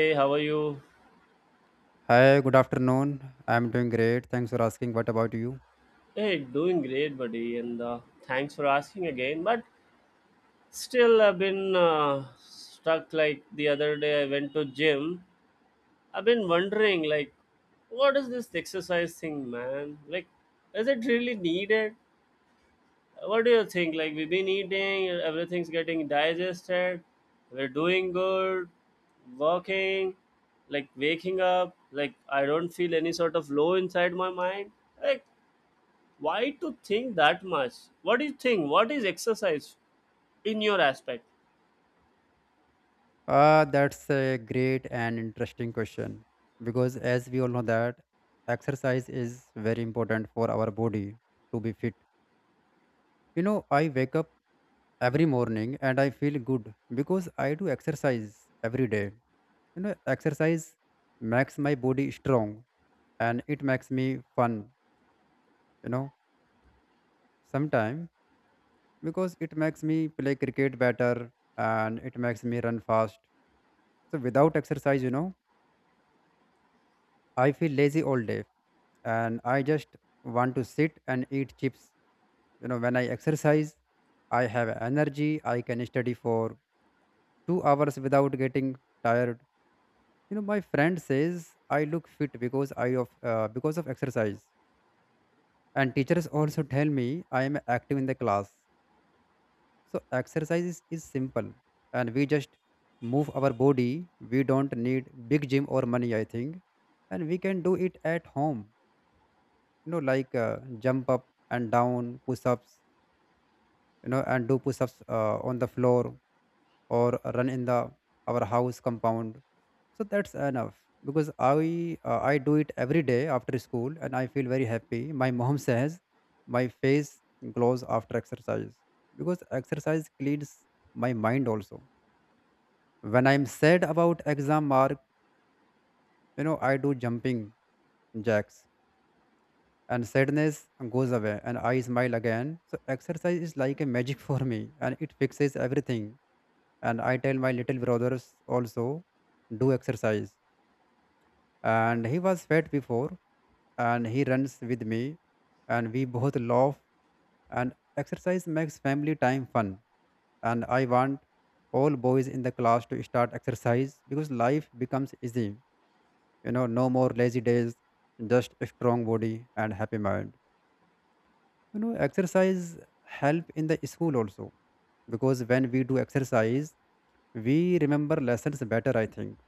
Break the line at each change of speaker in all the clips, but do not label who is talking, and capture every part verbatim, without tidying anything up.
Hey, how are you?
Hi, good afternoon. I'm doing great. Thanks for asking. What about you?
Hey, doing great, buddy, and uh, thanks for asking again. But still, I've been uh, stuck. Like the other day, I went to gym. I've been wondering, like, what is this exercise thing, man? Like, is it really needed? What do you think? Like, we've been eating, everything's getting digested, we're doing good, walking, like waking up. Like, I don't feel any sort of low inside my mind. Like, why to think that much? What do you think? What is exercise in your aspect?
Uh, that's a great and interesting question because as we all know that exercise is very important for our body to be fit. You know, I wake up every morning and I feel good because I do exercise every day. You know, exercise makes my body strong and it makes me fun, you know. Sometimes because it makes me play cricket better and it makes me run fast. So without exercise, you know, I feel lazy all day and I just want to sit and eat chips. You know, when I exercise, I have energy, I can study for two hours without getting tired. You know, my friend says I look fit because I of uh, because of exercise, and teachers also tell me I am active in the class. So exercise is, is simple and we just move our body. We don't need big gym or money, I think. And we can do it at home, you know, like uh, jump up and down, push ups, you know, and do push ups uh, on the floor or run in the our house compound. So that's enough because I uh, I do it every day after school and I feel very happy. My mom says my face glows after exercise because exercise cleans my mind also when I'm sad about exam mark. You know, I do jumping jacks and sadness goes away and I smile again. So exercise is like a magic for me and it fixes everything. And I tell my little brothers also, do exercise. And he was fat before and he runs with me and we both laugh. And exercise makes family time fun. And I want all boys in the class to start exercise because life becomes easy, you know, no more lazy days, just a strong body and happy mind. You know, exercise help in the school also, because when we do exercise we remember lessons better, I think,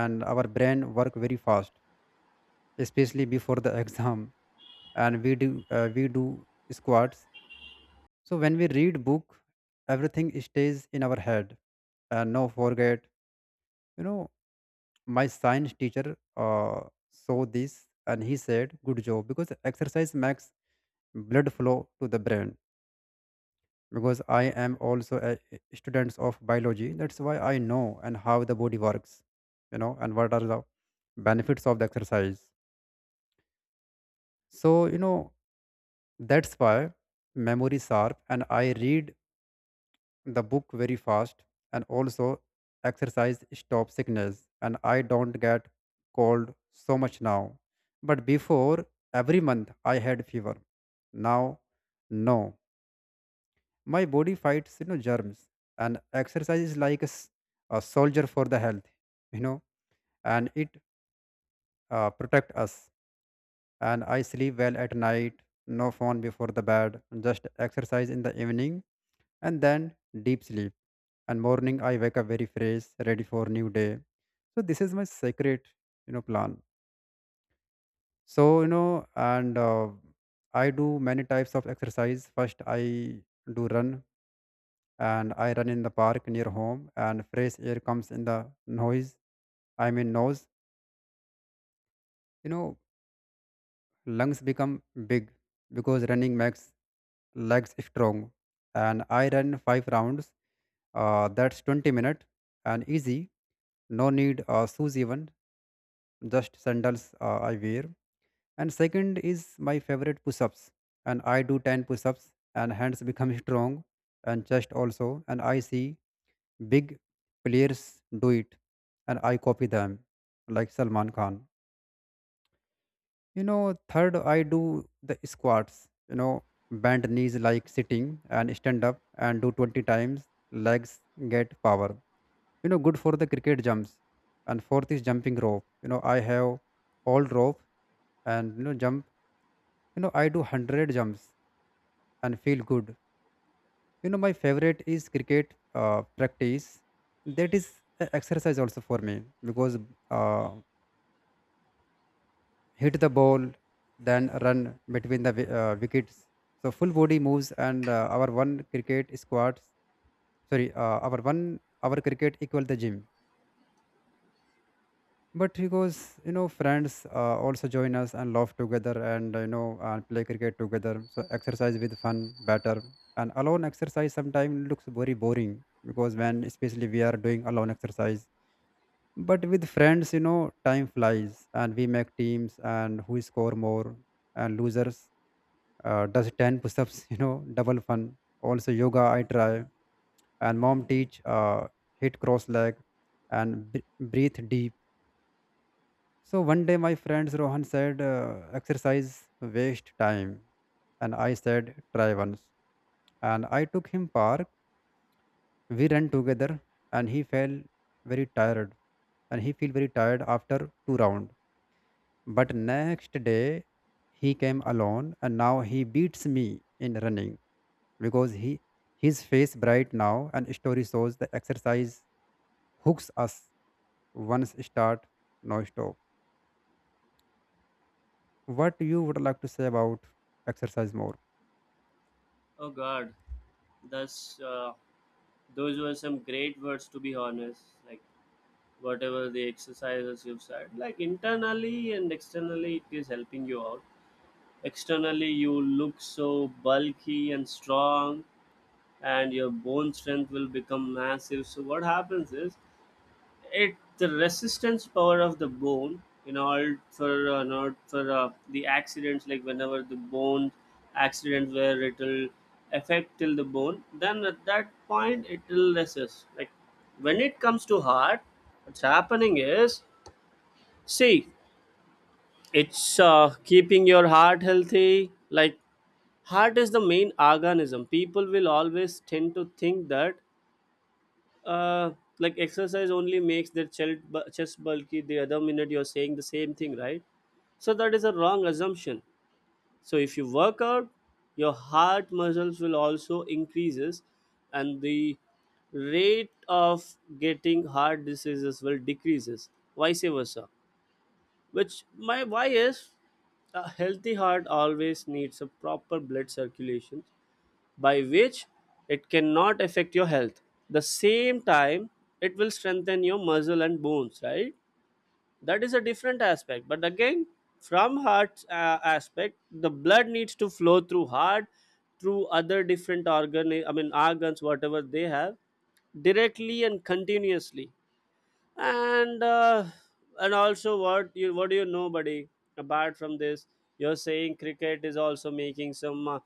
and our brain work very fast, especially before the exam. And we do uh, we do squats, so when we read book, everything stays in our head and no forget. You know, my science teacher uh, saw this and he said good job because exercise makes blood flow to the brain. Because I am also a student of biology, that's why I know and how the body works, you know, and what are the benefits of the exercise. So you know, that's why memory sharp and I read the book very fast. And also exercise stop sickness and I don't get cold so much now, but before every month I had fever. Now no. My body fights, you know, germs, and exercise is like a, s- a soldier for the health, you know, and it uh, protect us. And I sleep well at night, no phone before the bed, just exercise in the evening, and then deep sleep. And morning I wake up very fresh, ready for new day. So this is my secret, you know, plan. So you know, and uh, I do many types of exercise. First, I do run and I run in the park near home and fresh air comes in the noise. I mean nose. You know, lungs become big because running makes legs strong. And I run five rounds. Uh, that's twenty minute and easy. No need uh, shoes even. Just sandals uh, I wear. And second is my favorite push-ups. And I do ten push-ups and hands become strong and chest also. And I see big players do it, and I copy them, like Salman Khan. You know, third, I do the squats, you know, bend knees like sitting and stand up and do twenty times, legs get power. You know, good for the cricket jumps. And fourth is jumping rope. You know, I have all rope and you know jump, you know, I do one hundred jumps and feel good. You know, my favorite is cricket uh, practice. That is a exercise also for me because, uh, hit the ball, then run between the wi- uh, wickets. So full body moves and uh, our one cricket squad, sorry, uh, our one our cricket equal the gym. But because you know friends uh, also join us and laugh together and you know and play cricket together. So exercise with fun better, and alone exercise sometimes looks very boring because when especially we are doing alone exercise. But with friends, you know, time flies and we make teams and who score more, and losers uh, does ten push ups, you know, double fun. Also, yoga I try and mom teach uh, hit cross leg and b- breathe deep. So one day my friends Rohan said, uh, exercise waste time. And I said, try once. And I took him park. We ran together and he felt very tired and he feel very tired after two round. But next day he came alone and now he beats me in running because he his face bright now, and story shows the exercise hooks us once start, no stop. What you would like to say about exercise more?
Oh God, that's uh, those were some great words, to be honest. Like, whatever the exercises you've said, like internally and externally, it is helping you out. Externally, you look so bulky and strong, and your bone strength will become massive. So what happens is, it the resistance power of the bone in order for uh, in order for uh, the accidents, like whenever the bone accident where it'll affect till the bone, then at that point it will resist. Like, when it comes to heart, what's happening is, see, it's uh, keeping your heart healthy. Like, heart is the main organism. People will always tend to think that uh like exercise only makes their chest bu- chest bulky, the other minute you're saying the same thing, right? So that is a wrong assumption. So if you work out, your heart muscles will also increases, and the rate of getting heart diseases will decreases, vice versa. Which my why is, a healthy heart always needs a proper blood circulation, by which it cannot affect your health. The same time, it will strengthen your muscle and bones, right? That is a different aspect. But again, from heart uh, aspect, the blood needs to flow through heart, through other different organ, I mean organs, whatever they have, directly and continuously, and uh, and also what you what do you know, buddy, apart from this, you're saying cricket is also making some uh,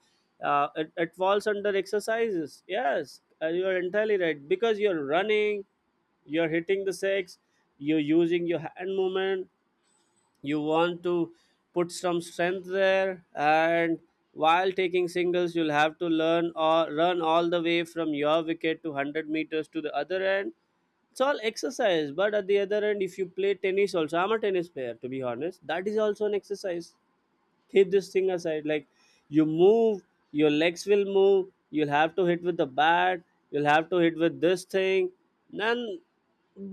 uh, it, it falls under exercises. Yes, uh, you're entirely right, because you're running, you're hitting the six, you're using your hand movement, you want to put some strength there, and while taking singles you'll have to learn or run one hundred all the way from your wicket to one hundred meters to the other end. It's all exercise. But at the other end, if you play tennis also, I'm a tennis player, to be honest, that is also an exercise. Keep this thing aside. Like, you move, your legs will move, you'll have to hit with the bat, you'll have to hit with this thing, then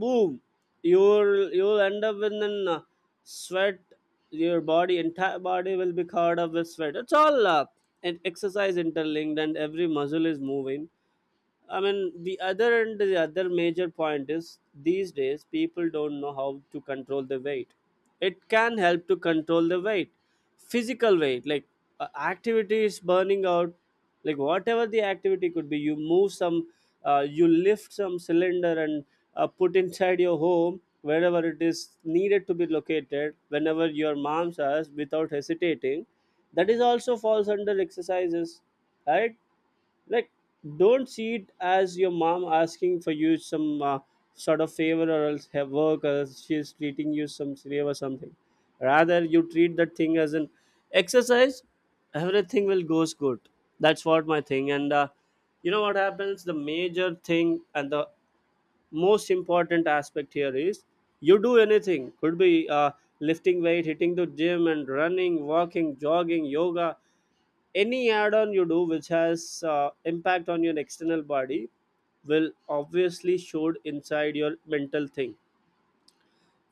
boom, you'll you'll end up in an uh, sweat, your body, entire body will be covered up with sweat. It's all uh, an exercise interlinked and every muscle is moving. I mean, the other and the other major point is these days people don't know how to control the weight. It can help to control the weight, physical weight, like uh, activity is burning out, like whatever the activity could be. You move some, uh, you lift some cylinder and uh, put inside your home wherever it is needed to be located, whenever your mom says without hesitating. That is also falls under exercises, right? Like, don't see it as your mom asking for you some uh, sort of favor or else have work or else she's treating you some slave or something. Rather you treat that thing as an exercise, everything will goes good. That's what my thing. And uh, you know what happens, the major thing and the most important aspect here is, you do anything, could be uh, lifting weight, hitting the gym and running, walking, jogging, yoga. Any add-on you do which has uh, impact on your external body will obviously showed inside your mental thing.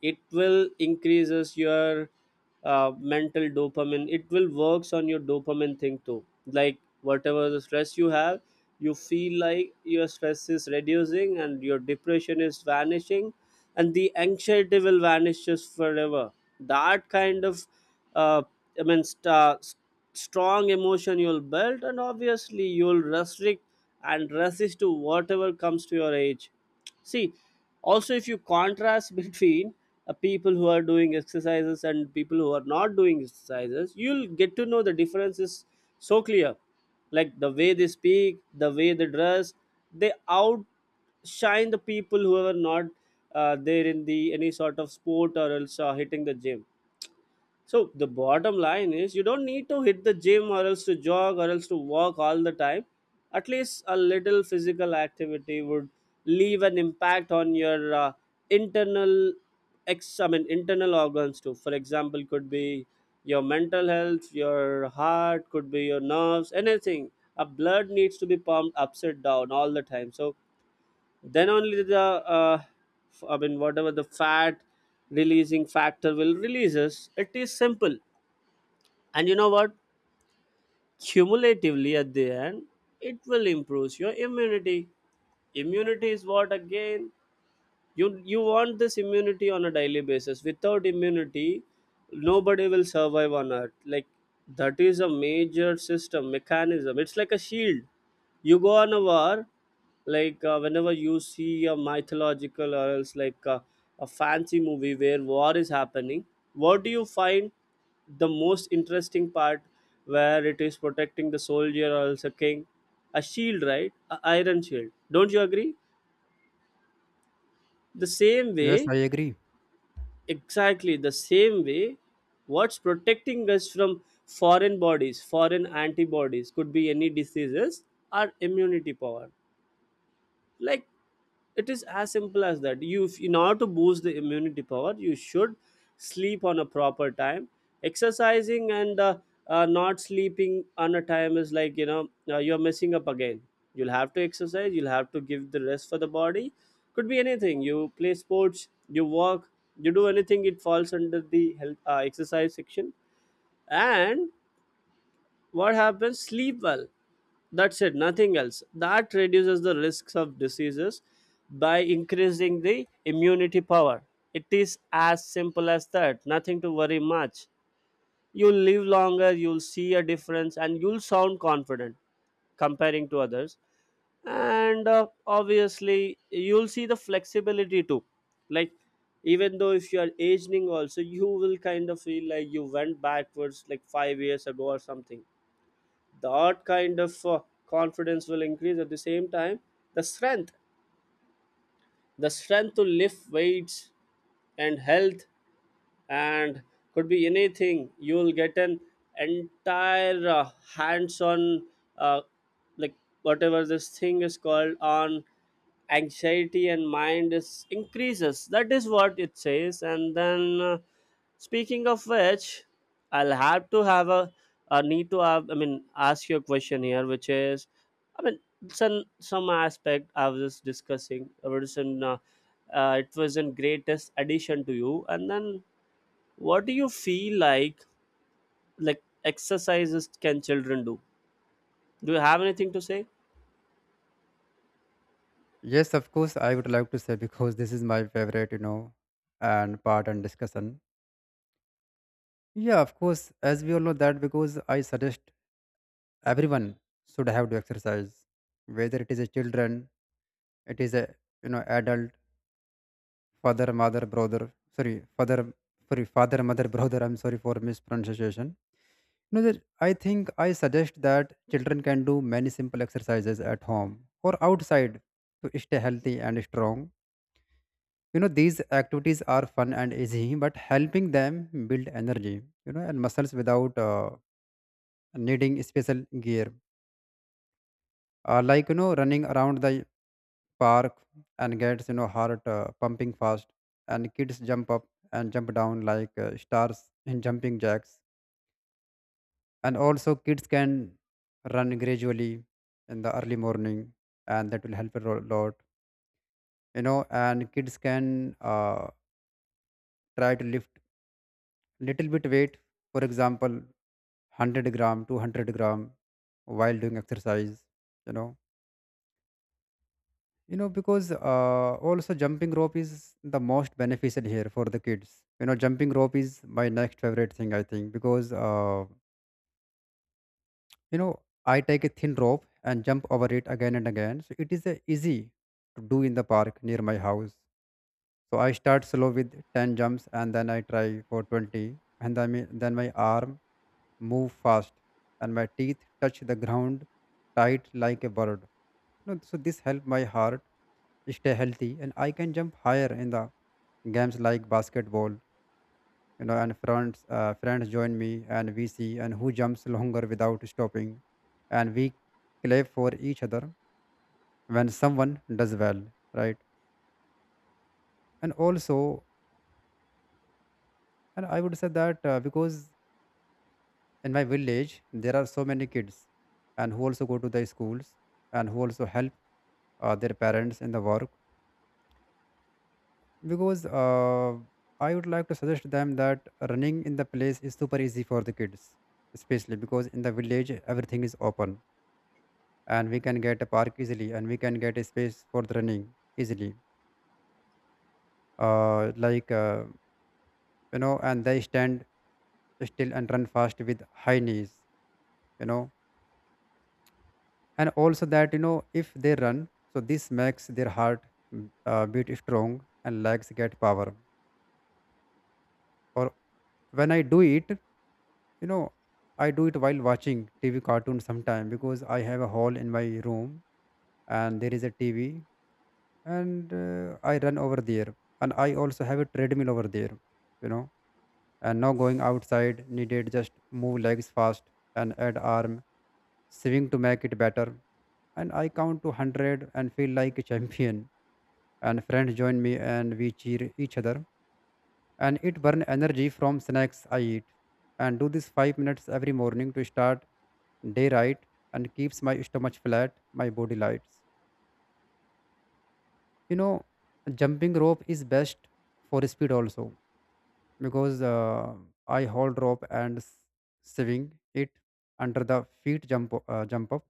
It will increases your uh, mental dopamine. It will works on your dopamine thing too. Like, whatever the stress you have, you feel like your stress is reducing and your depression is vanishing, and the anxiety will vanishes forever. That kind of uh, i mean st- strong emotion you'll build, and obviously you'll restrict and resist to whatever comes to your age. See, also if you contrast between uh, people who are doing exercises and people who are not doing exercises, you'll get to know the difference is so clear, like the way they speak, the way they dress. They out shine the people who are not uh, there in the any sort of sport or else uh, hitting the gym. So the bottom line is, you don't need to hit the gym or else to jog or else to walk all the time. At least a little physical activity would leave an impact on your uh, internal ex I mean internal organs too. For example, could be your mental health, your heart, could be your nerves, anything. A blood needs to be pumped upside down all the time. So then only the uh, f- i mean whatever the fat releasing factor will releases. It is simple. And you know what, cumulatively at the end, it will improve your immunity. Immunity is what again, you you want this immunity on a daily basis. Without immunity, nobody will survive on earth. Like, that is a major system mechanism. It's like a shield. You go on a war, like uh, whenever you see a mythological or else like uh, a fancy movie where war is happening, what do you find the most interesting part, where it is protecting the soldier or else a king? A shield, right? A iron shield. Don't you agree? The same
Yes,
way,
I agree.
exactly the same way, what's protecting us from foreign bodies, foreign antibodies, could be any diseases, are immunity power. Like, it is as simple as that. You, if- in order to boost the immunity power, you should sleep on a proper time. Exercising and uh, uh, not sleeping on a time is like, you know, uh, you're messing up again. You'll have to exercise, you'll have to give the rest for the body. Could be anything, you play sports, you walk, you do anything, it falls under the health uh, exercise section. And what happens, sleep well. That's it, nothing else. That reduces the risks of diseases by increasing the immunity power. It is as simple as that, nothing to worry much. You'll live longer, you'll see a difference, and you'll sound confident comparing to others. And uh, obviously, you'll see the flexibility too. Like, even though if you are aging, also, you will kind of feel like you went backwards like five years ago or something. That kind of uh, confidence will increase. At the same time, the strength, the strength to lift weights, and health, and could be anything, you will get an entire uh, hands on uh, like whatever this thing is called on. Anxiety and mind is increases, that is what it says. And then uh, speaking of which, I'll have to have a, a need to have, I mean ask you a question here, which is, I mean, some some aspect I was just discussing. I was in, uh, uh, it was in greatest addition to you, and then what do you feel like like exercises can children do? Do you have anything to say?
Yes, of course I would like to say because this is my favorite, you know, and part and discussion. Yeah, of course, as we all know that because I suggest everyone should have to exercise, whether it is a children it is a you know adult, father mother brother, sorry father sorry father mother brother, I'm sorry for mispronunciation. You know that I think I suggest that children can do many simple exercises at home or outside to stay healthy and strong. You know, these activities are fun and easy but helping them build energy, you know, and muscles without uh, needing special gear, uh, like you know running around the park and gets you know heart uh, pumping fast. And kids jump up and jump down like uh, stars in jumping jacks. And also kids can run gradually in the early morning and that will help a ro- lot, you know. And kids can uh, try to lift little bit weight, for example one hundred gram two hundred gram, while doing exercise, you know. You know, because uh, also jumping rope is the most beneficial here for the kids. You know, jumping rope is my next favorite thing, I think, because, uh, you know, I take a thin rope and jump over it again and again. So it is uh, easy to do in the park near my house. So I start slow with ten jumps and then I try for twenty. And then, my- then my arm move fast and my teeth touch the ground tight like a bird. You know, so this help my heart stay healthy and I can jump higher in the games like basketball. You know, and friends uh, friends join me and we see and who jumps longer without stopping, and we clap for each other when someone does well, right. And also, and I would say that uh, because in my village there are so many kids and who also go to the schools and who also help uh, their parents in the work, because uh, I would like to suggest them that running in the place is super easy for the kids, especially because in the village everything is open and we can get a park easily and we can get a space for the running easily, uh, like uh, you know, and they stand still and run fast with high knees. You know, and also that you know if they run, so this makes their heart mm, uh, beat strong and legs get power. Or when I do it, you know, I do it while watching T V cartoon sometime because I have a hall in my room and there is a T V, and uh, I run over there. And I also have a treadmill over there, you know. And now going outside needed just move legs fast and add arm, swing to make it better. And I count to one hundred and feel like a champion. And friends join me and we cheer each other. And it burn energy from snacks I eat. And do this five minutes every morning to start day right, and keeps my stomach flat, my body lights. You know, jumping rope is best for speed also because, uh, I hold rope and s- swing it under the feet jump o- uh, jump up,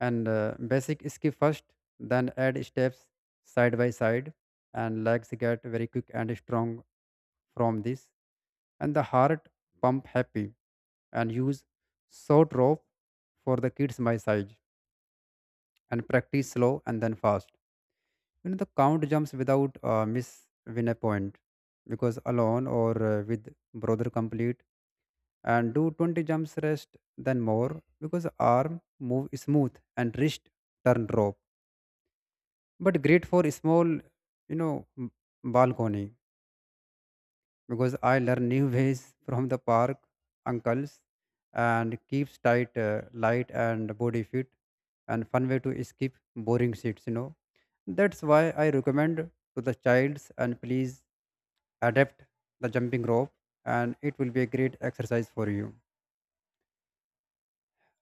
and uh, basic skip first, then add steps side by side, and legs get very quick and strong from this, and the heart pump happy. And use short rope for the kids my size and practice slow and then fast. You know the count jumps without uh, miss win a point because alone or uh, with brother complete and do twenty jumps rest then more because arm move smooth and wrist turn rope but great for small you know m- balcony because I learn new ways from the park uncles and keeps tight uh, light and body fit and fun way to skip boring seats you know That's why I recommend to the childs and please adapt the jumping rope and it will be a great exercise for you.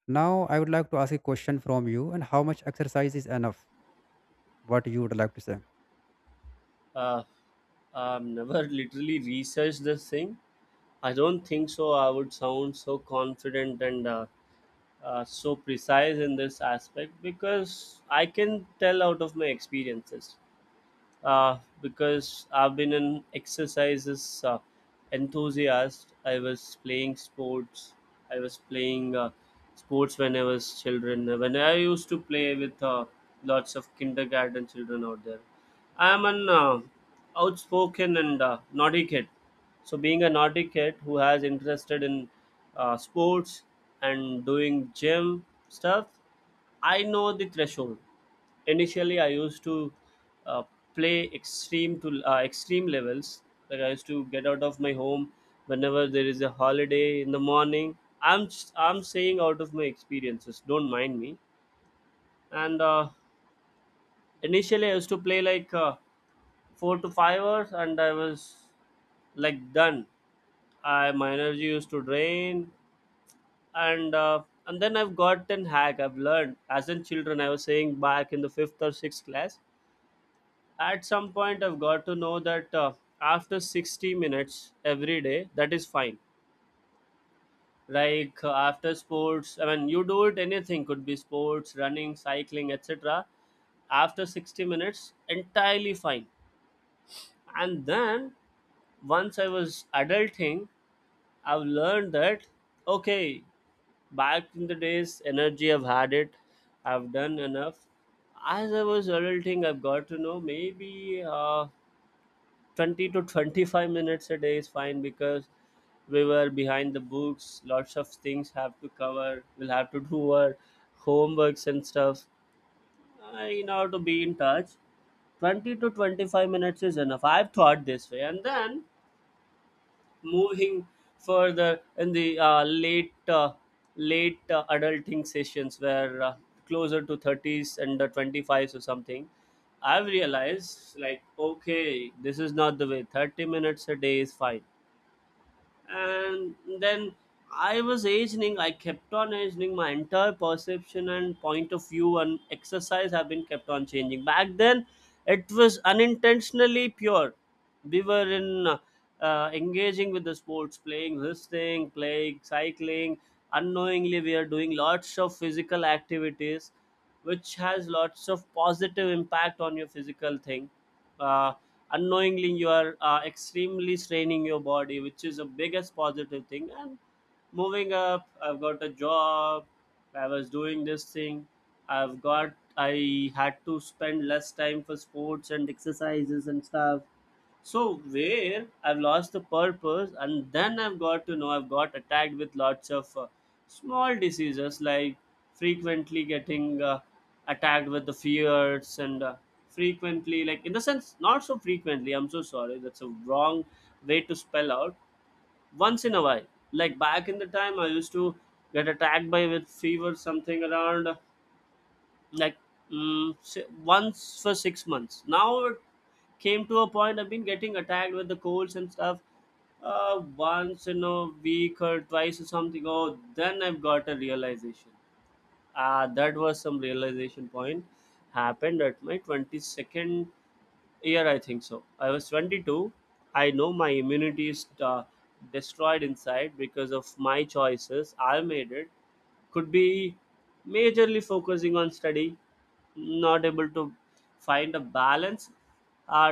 Now, I would like to ask a question from you, and how much exercise is enough? What you would like to say?
uh, I've never literally researched this thing. I don't think so I would sound so confident and uh, uh, so precise in this aspect, because I can tell out of my experiences. uh, because I've been an exercises uh, enthusiast. I was playing sports. I was playing uh, sports when I was children. When I used to play with uh, lots of kindergarten children out there. I am an uh, outspoken and uh, naughty kid. So being a naughty kid who has interested in uh, sports and doing gym stuff, I know the threshold. Initially, I used to uh, play extreme to uh, extreme levels. Like I used to get out of my home whenever there is a holiday in the morning. I'm s- I'm saying out of my experiences. Don't mind me. And uh, initially, I used to play like uh, four to five hours, and I was like done. I my energy used to drain, and uh, and then I've gotten hack. I've learned as in children. I was saying back in the fifth or sixth class. At some point, I've got to know that uh, after sixty minutes every day, that is fine. Like uh, after sports, I mean, you do it anything, could be sports, running, cycling, et cetera. After sixty minutes, entirely fine. And then once I was adulting, I've learned that okay, back in the days, energy I've had it, I've done enough. As I was adulting, I've got to know maybe uh, twenty to twenty-five minutes a day is fine because we were behind the books, lots of things have to cover, we'll have to do our homeworks and stuff uh, in order to be in touch. twenty to twenty-five minutes is enough, I've thought this way. And then moving further in the uh, late uh, late uh, adulting sessions where, uh, closer to thirties and uh, twenty-fives or something, I've realized like, okay, this is not the way, thirty minutes a day is fine. And then I was aging, I kept on aging, my entire perception and point of view and exercise have been kept on changing. Back then it was unintentionally pure. We were in uh, uh, engaging with the sports, playing this thing, playing cycling. Unknowingly we are doing lots of physical activities, which has lots of positive impact on your physical thing. uh, Unknowingly you are uh, extremely straining your body, which is the biggest positive thing. And moving up, I've got a job, I was doing this thing, i've got I had to spend less time for sports and exercises and stuff. So, where I've lost the purpose, and then I've got to know I've got attacked with lots of uh, small diseases, like frequently getting uh, attacked with the fears, and uh, frequently, like, in the sense, not so frequently. I'm so sorry. That's a wrong way to spell out. Once in a while, like back in the time, I used to get attacked by with fever, something around. uh, like mm, si- Once for six months. Now it came to a point I've been getting attacked with the colds and stuff uh, once in a week or twice or something. Oh, then I've got a realization. Ah, that was some realization point, happened at my twenty-second year, I think so. I was twenty-two. I know my immunity is uh, destroyed inside because of my choices I made. It could be majorly focusing on study, not able to find a balance. i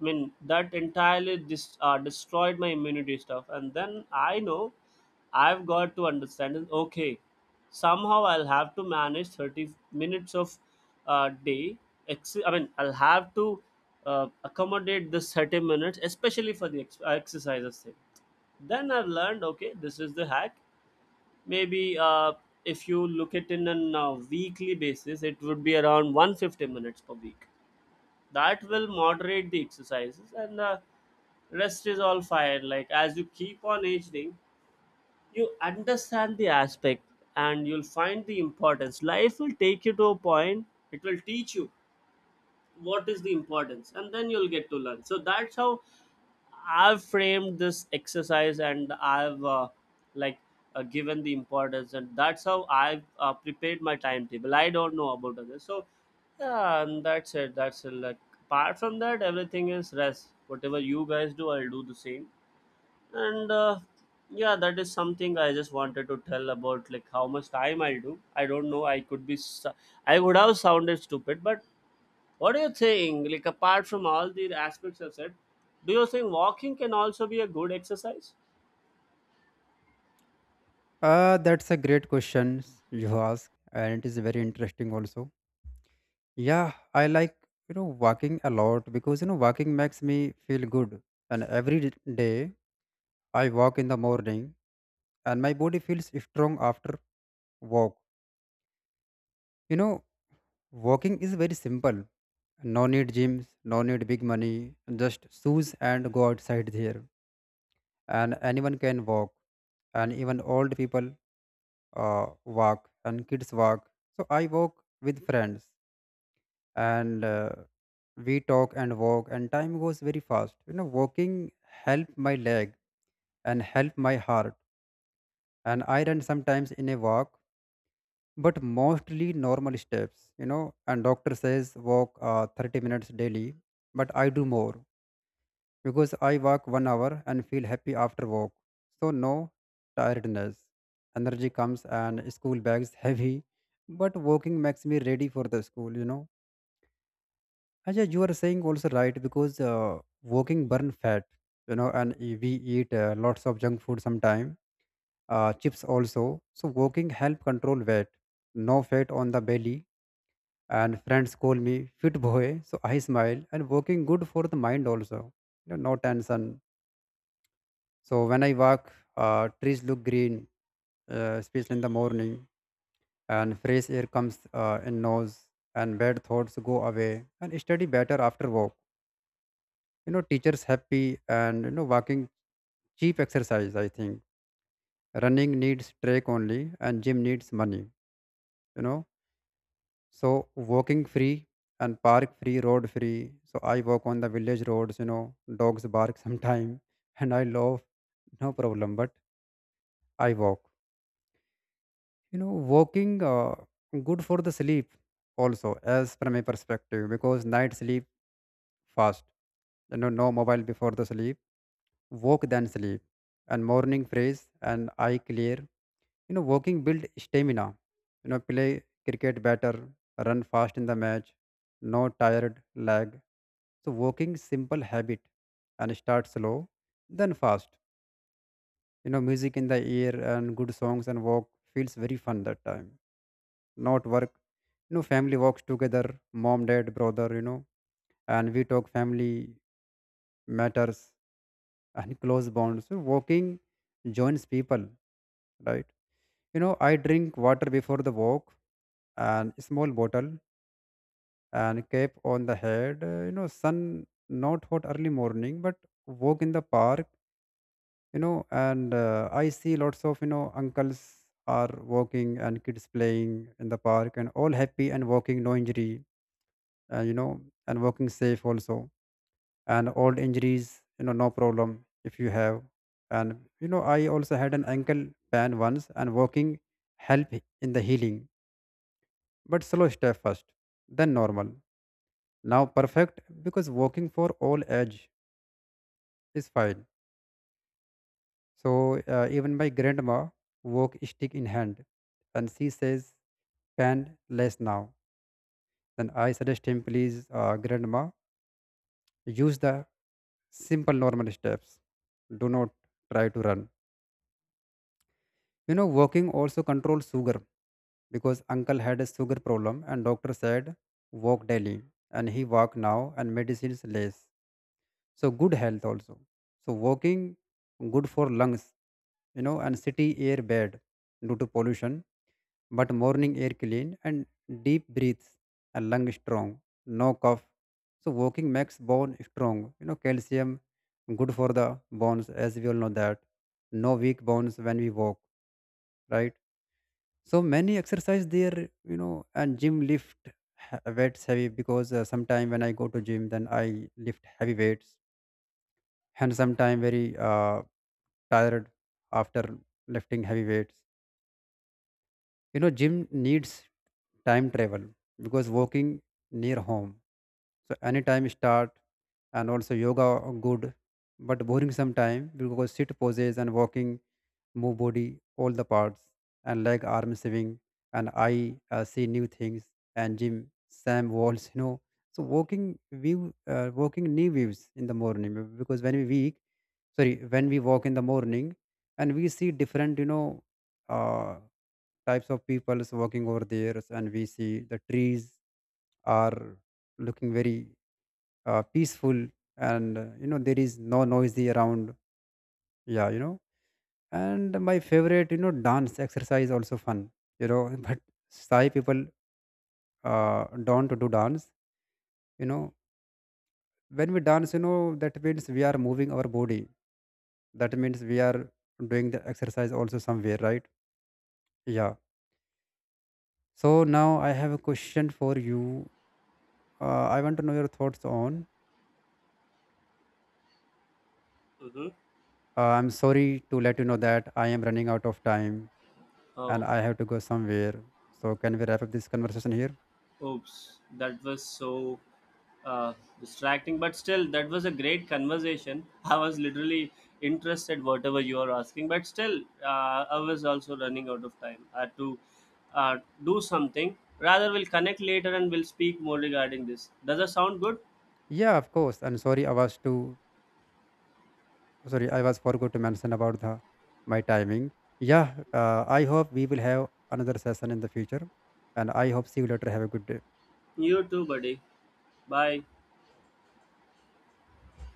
mean that entirely dis- uh, destroyed my immunity stuff. And then I know, I've got to understand, is, okay, somehow I'll have to manage thirty minutes of uh, day, ex- i mean I'll have to uh, accommodate this thirty minutes, especially for the ex- uh, exercises thing. Then I've learned, okay, this is the hack. Maybe uh, if you look at in an uh, weekly basis, it would be around one hundred fifty minutes per week. That will moderate the exercises, and uh, rest is all fine. Like, as you keep on aging, you understand the aspect, and you'll find the importance. Life will take you to a point, it will teach you what is the importance, and then you'll get to learn. So that's how I've framed this exercise, and I've uh, like uh, given the importance, and that's how I've uh, prepared my timetable. I don't know about others, so, yeah, and that's it. That's it. Like, apart from that, everything is rest. Whatever you guys do, I'll do the same. And uh, yeah, that is something I just wanted to tell about, like how much time I'll do. I don't know. I could be. Su- I would have sounded stupid, but what do you think? Like, apart from all the aspects I've said, do you think walking can also be a good exercise?
Uh, that's a great question you ask, and it is very interesting also. Yeah, I like, you know, walking a lot because, you know, walking makes me feel good. And every d- day I walk in the morning and my body feels strong after walk. You know, walking is very simple. No need gyms, no need big money, just shoes and go outside there, and anyone can walk, and even old people uh, walk and kids walk. So I walk with friends, and uh, we talk and walk and time goes very fast. You know, walking help my leg and help my heart, and I run sometimes in a walk, but mostly normal steps. You know, and doctor says walk uh, thirty minutes daily, but I do more because I walk one hour and feel happy after walk. So no tiredness. Energy comes and school bags heavy, but walking makes me ready for the school. You know, Ajay, you are saying also right because uh, walking burn fat. You know, and e- we eat uh, lots of junk food sometime, uh, chips also. So walking help control weight. No fat on the belly. And friends call me fit boy, so I smile. And walking good for the mind also. You know, no tension. So when I walk, uh, trees look green, uh, especially in the morning, and fresh air comes uh, in nose, and bad thoughts go away, and study better after walk. You know, teachers happy, and you know, walking cheap exercise. I think running needs track only, and gym needs money. You know, so walking free, and park free, road free. So I walk on the village roads. You know, dogs bark sometime, and I love, no problem, but I walk. You know, walking uh, good for the sleep also, as from my perspective, because night sleep fast. You know, no mobile before the sleep. Walk then sleep, and morning fresh and eye clear. You know, walking build stamina. You know, play cricket better, run fast in the match, no tired leg. So walking simple habit, and start slow then fast. You know, music in the ear and good songs and walk feels very fun that time, not work. You know, family walks together, mom, dad, brother. You know, and we talk family matters and close bonds. So walking joins people, right? You know, I drink water before the walk, and small bottle, and cap on the head. Uh, you know, sun not hot early morning, but walk in the park. You know, and uh, I see lots of, you know, uncles are walking and kids playing in the park, and all happy, and walking no injury. Uh, you know, and walking safe also. And old injuries, you know, no problem if you have. And you know, I also had an ankle pan once, and walking help in the healing, but slow step first, then normal. Now perfect because walking for all age is fine. So uh, even my grandma walk stick in hand, and she says pan less now. Then I suggest him please, uh, grandma, use the simple normal steps. Do not try to run. You know, walking also controls sugar because uncle had a sugar problem and doctor said walk daily, and he walk now and medicines less. So good health also. So walking good for lungs, you know, and city air bad due to pollution, but morning air clean, and deep breaths and lung strong, no cough. So walking makes bone strong. You know, calcium good for the bones, as we all know that. No weak bones when we walk, right? So many exercise there. You know, and gym lift h- weights heavy because uh, sometime when I go to gym, then I lift heavy weights and sometime very uh, tired after lifting heavy weights. You know, Jim needs time travel because walking near home. So anytime start. And also yoga are good, but boring sometime because sit poses, and walking move body all the parts, and leg arm swing, and eye uh, see new things, and gym Sam walls, you know. So walking view uh, walking knee views in the morning because when we weak sorry when we walk in the morning, and we see different, you know, uh, types of people walking over there, and we see the trees are looking very uh, peaceful, and uh, you know, there is no noisy around. Yeah, you know. And my favorite, you know, dance exercise also fun, you know, but Thai people uh, don't do dance, you know. When we dance, you know, that means we are moving our body. That means we are doing the exercise also somewhere, right? Yeah. So now I have a question for you. Uh, I want to know your thoughts on.
Mm-hmm.
Uh, I'm sorry to let you know that I am running out of time, and
Oh,
I have to go somewhere. So can we wrap up this conversation here?
oops, that was so uh, distracting. But still, that was a great conversation. I was literally interested whatever you are asking. But still, uh, I was also running out of time. I had to uh, do something. Rather, we'll connect later and we'll speak more regarding this. Does that sound good?
Yeah, of course. I'm sorry I was too sorry I was forgot to mention about the my timing. Yeah, uh, I hope we will have another session in the future, and I hope see you later. Have a good day.
You too, buddy. Bye.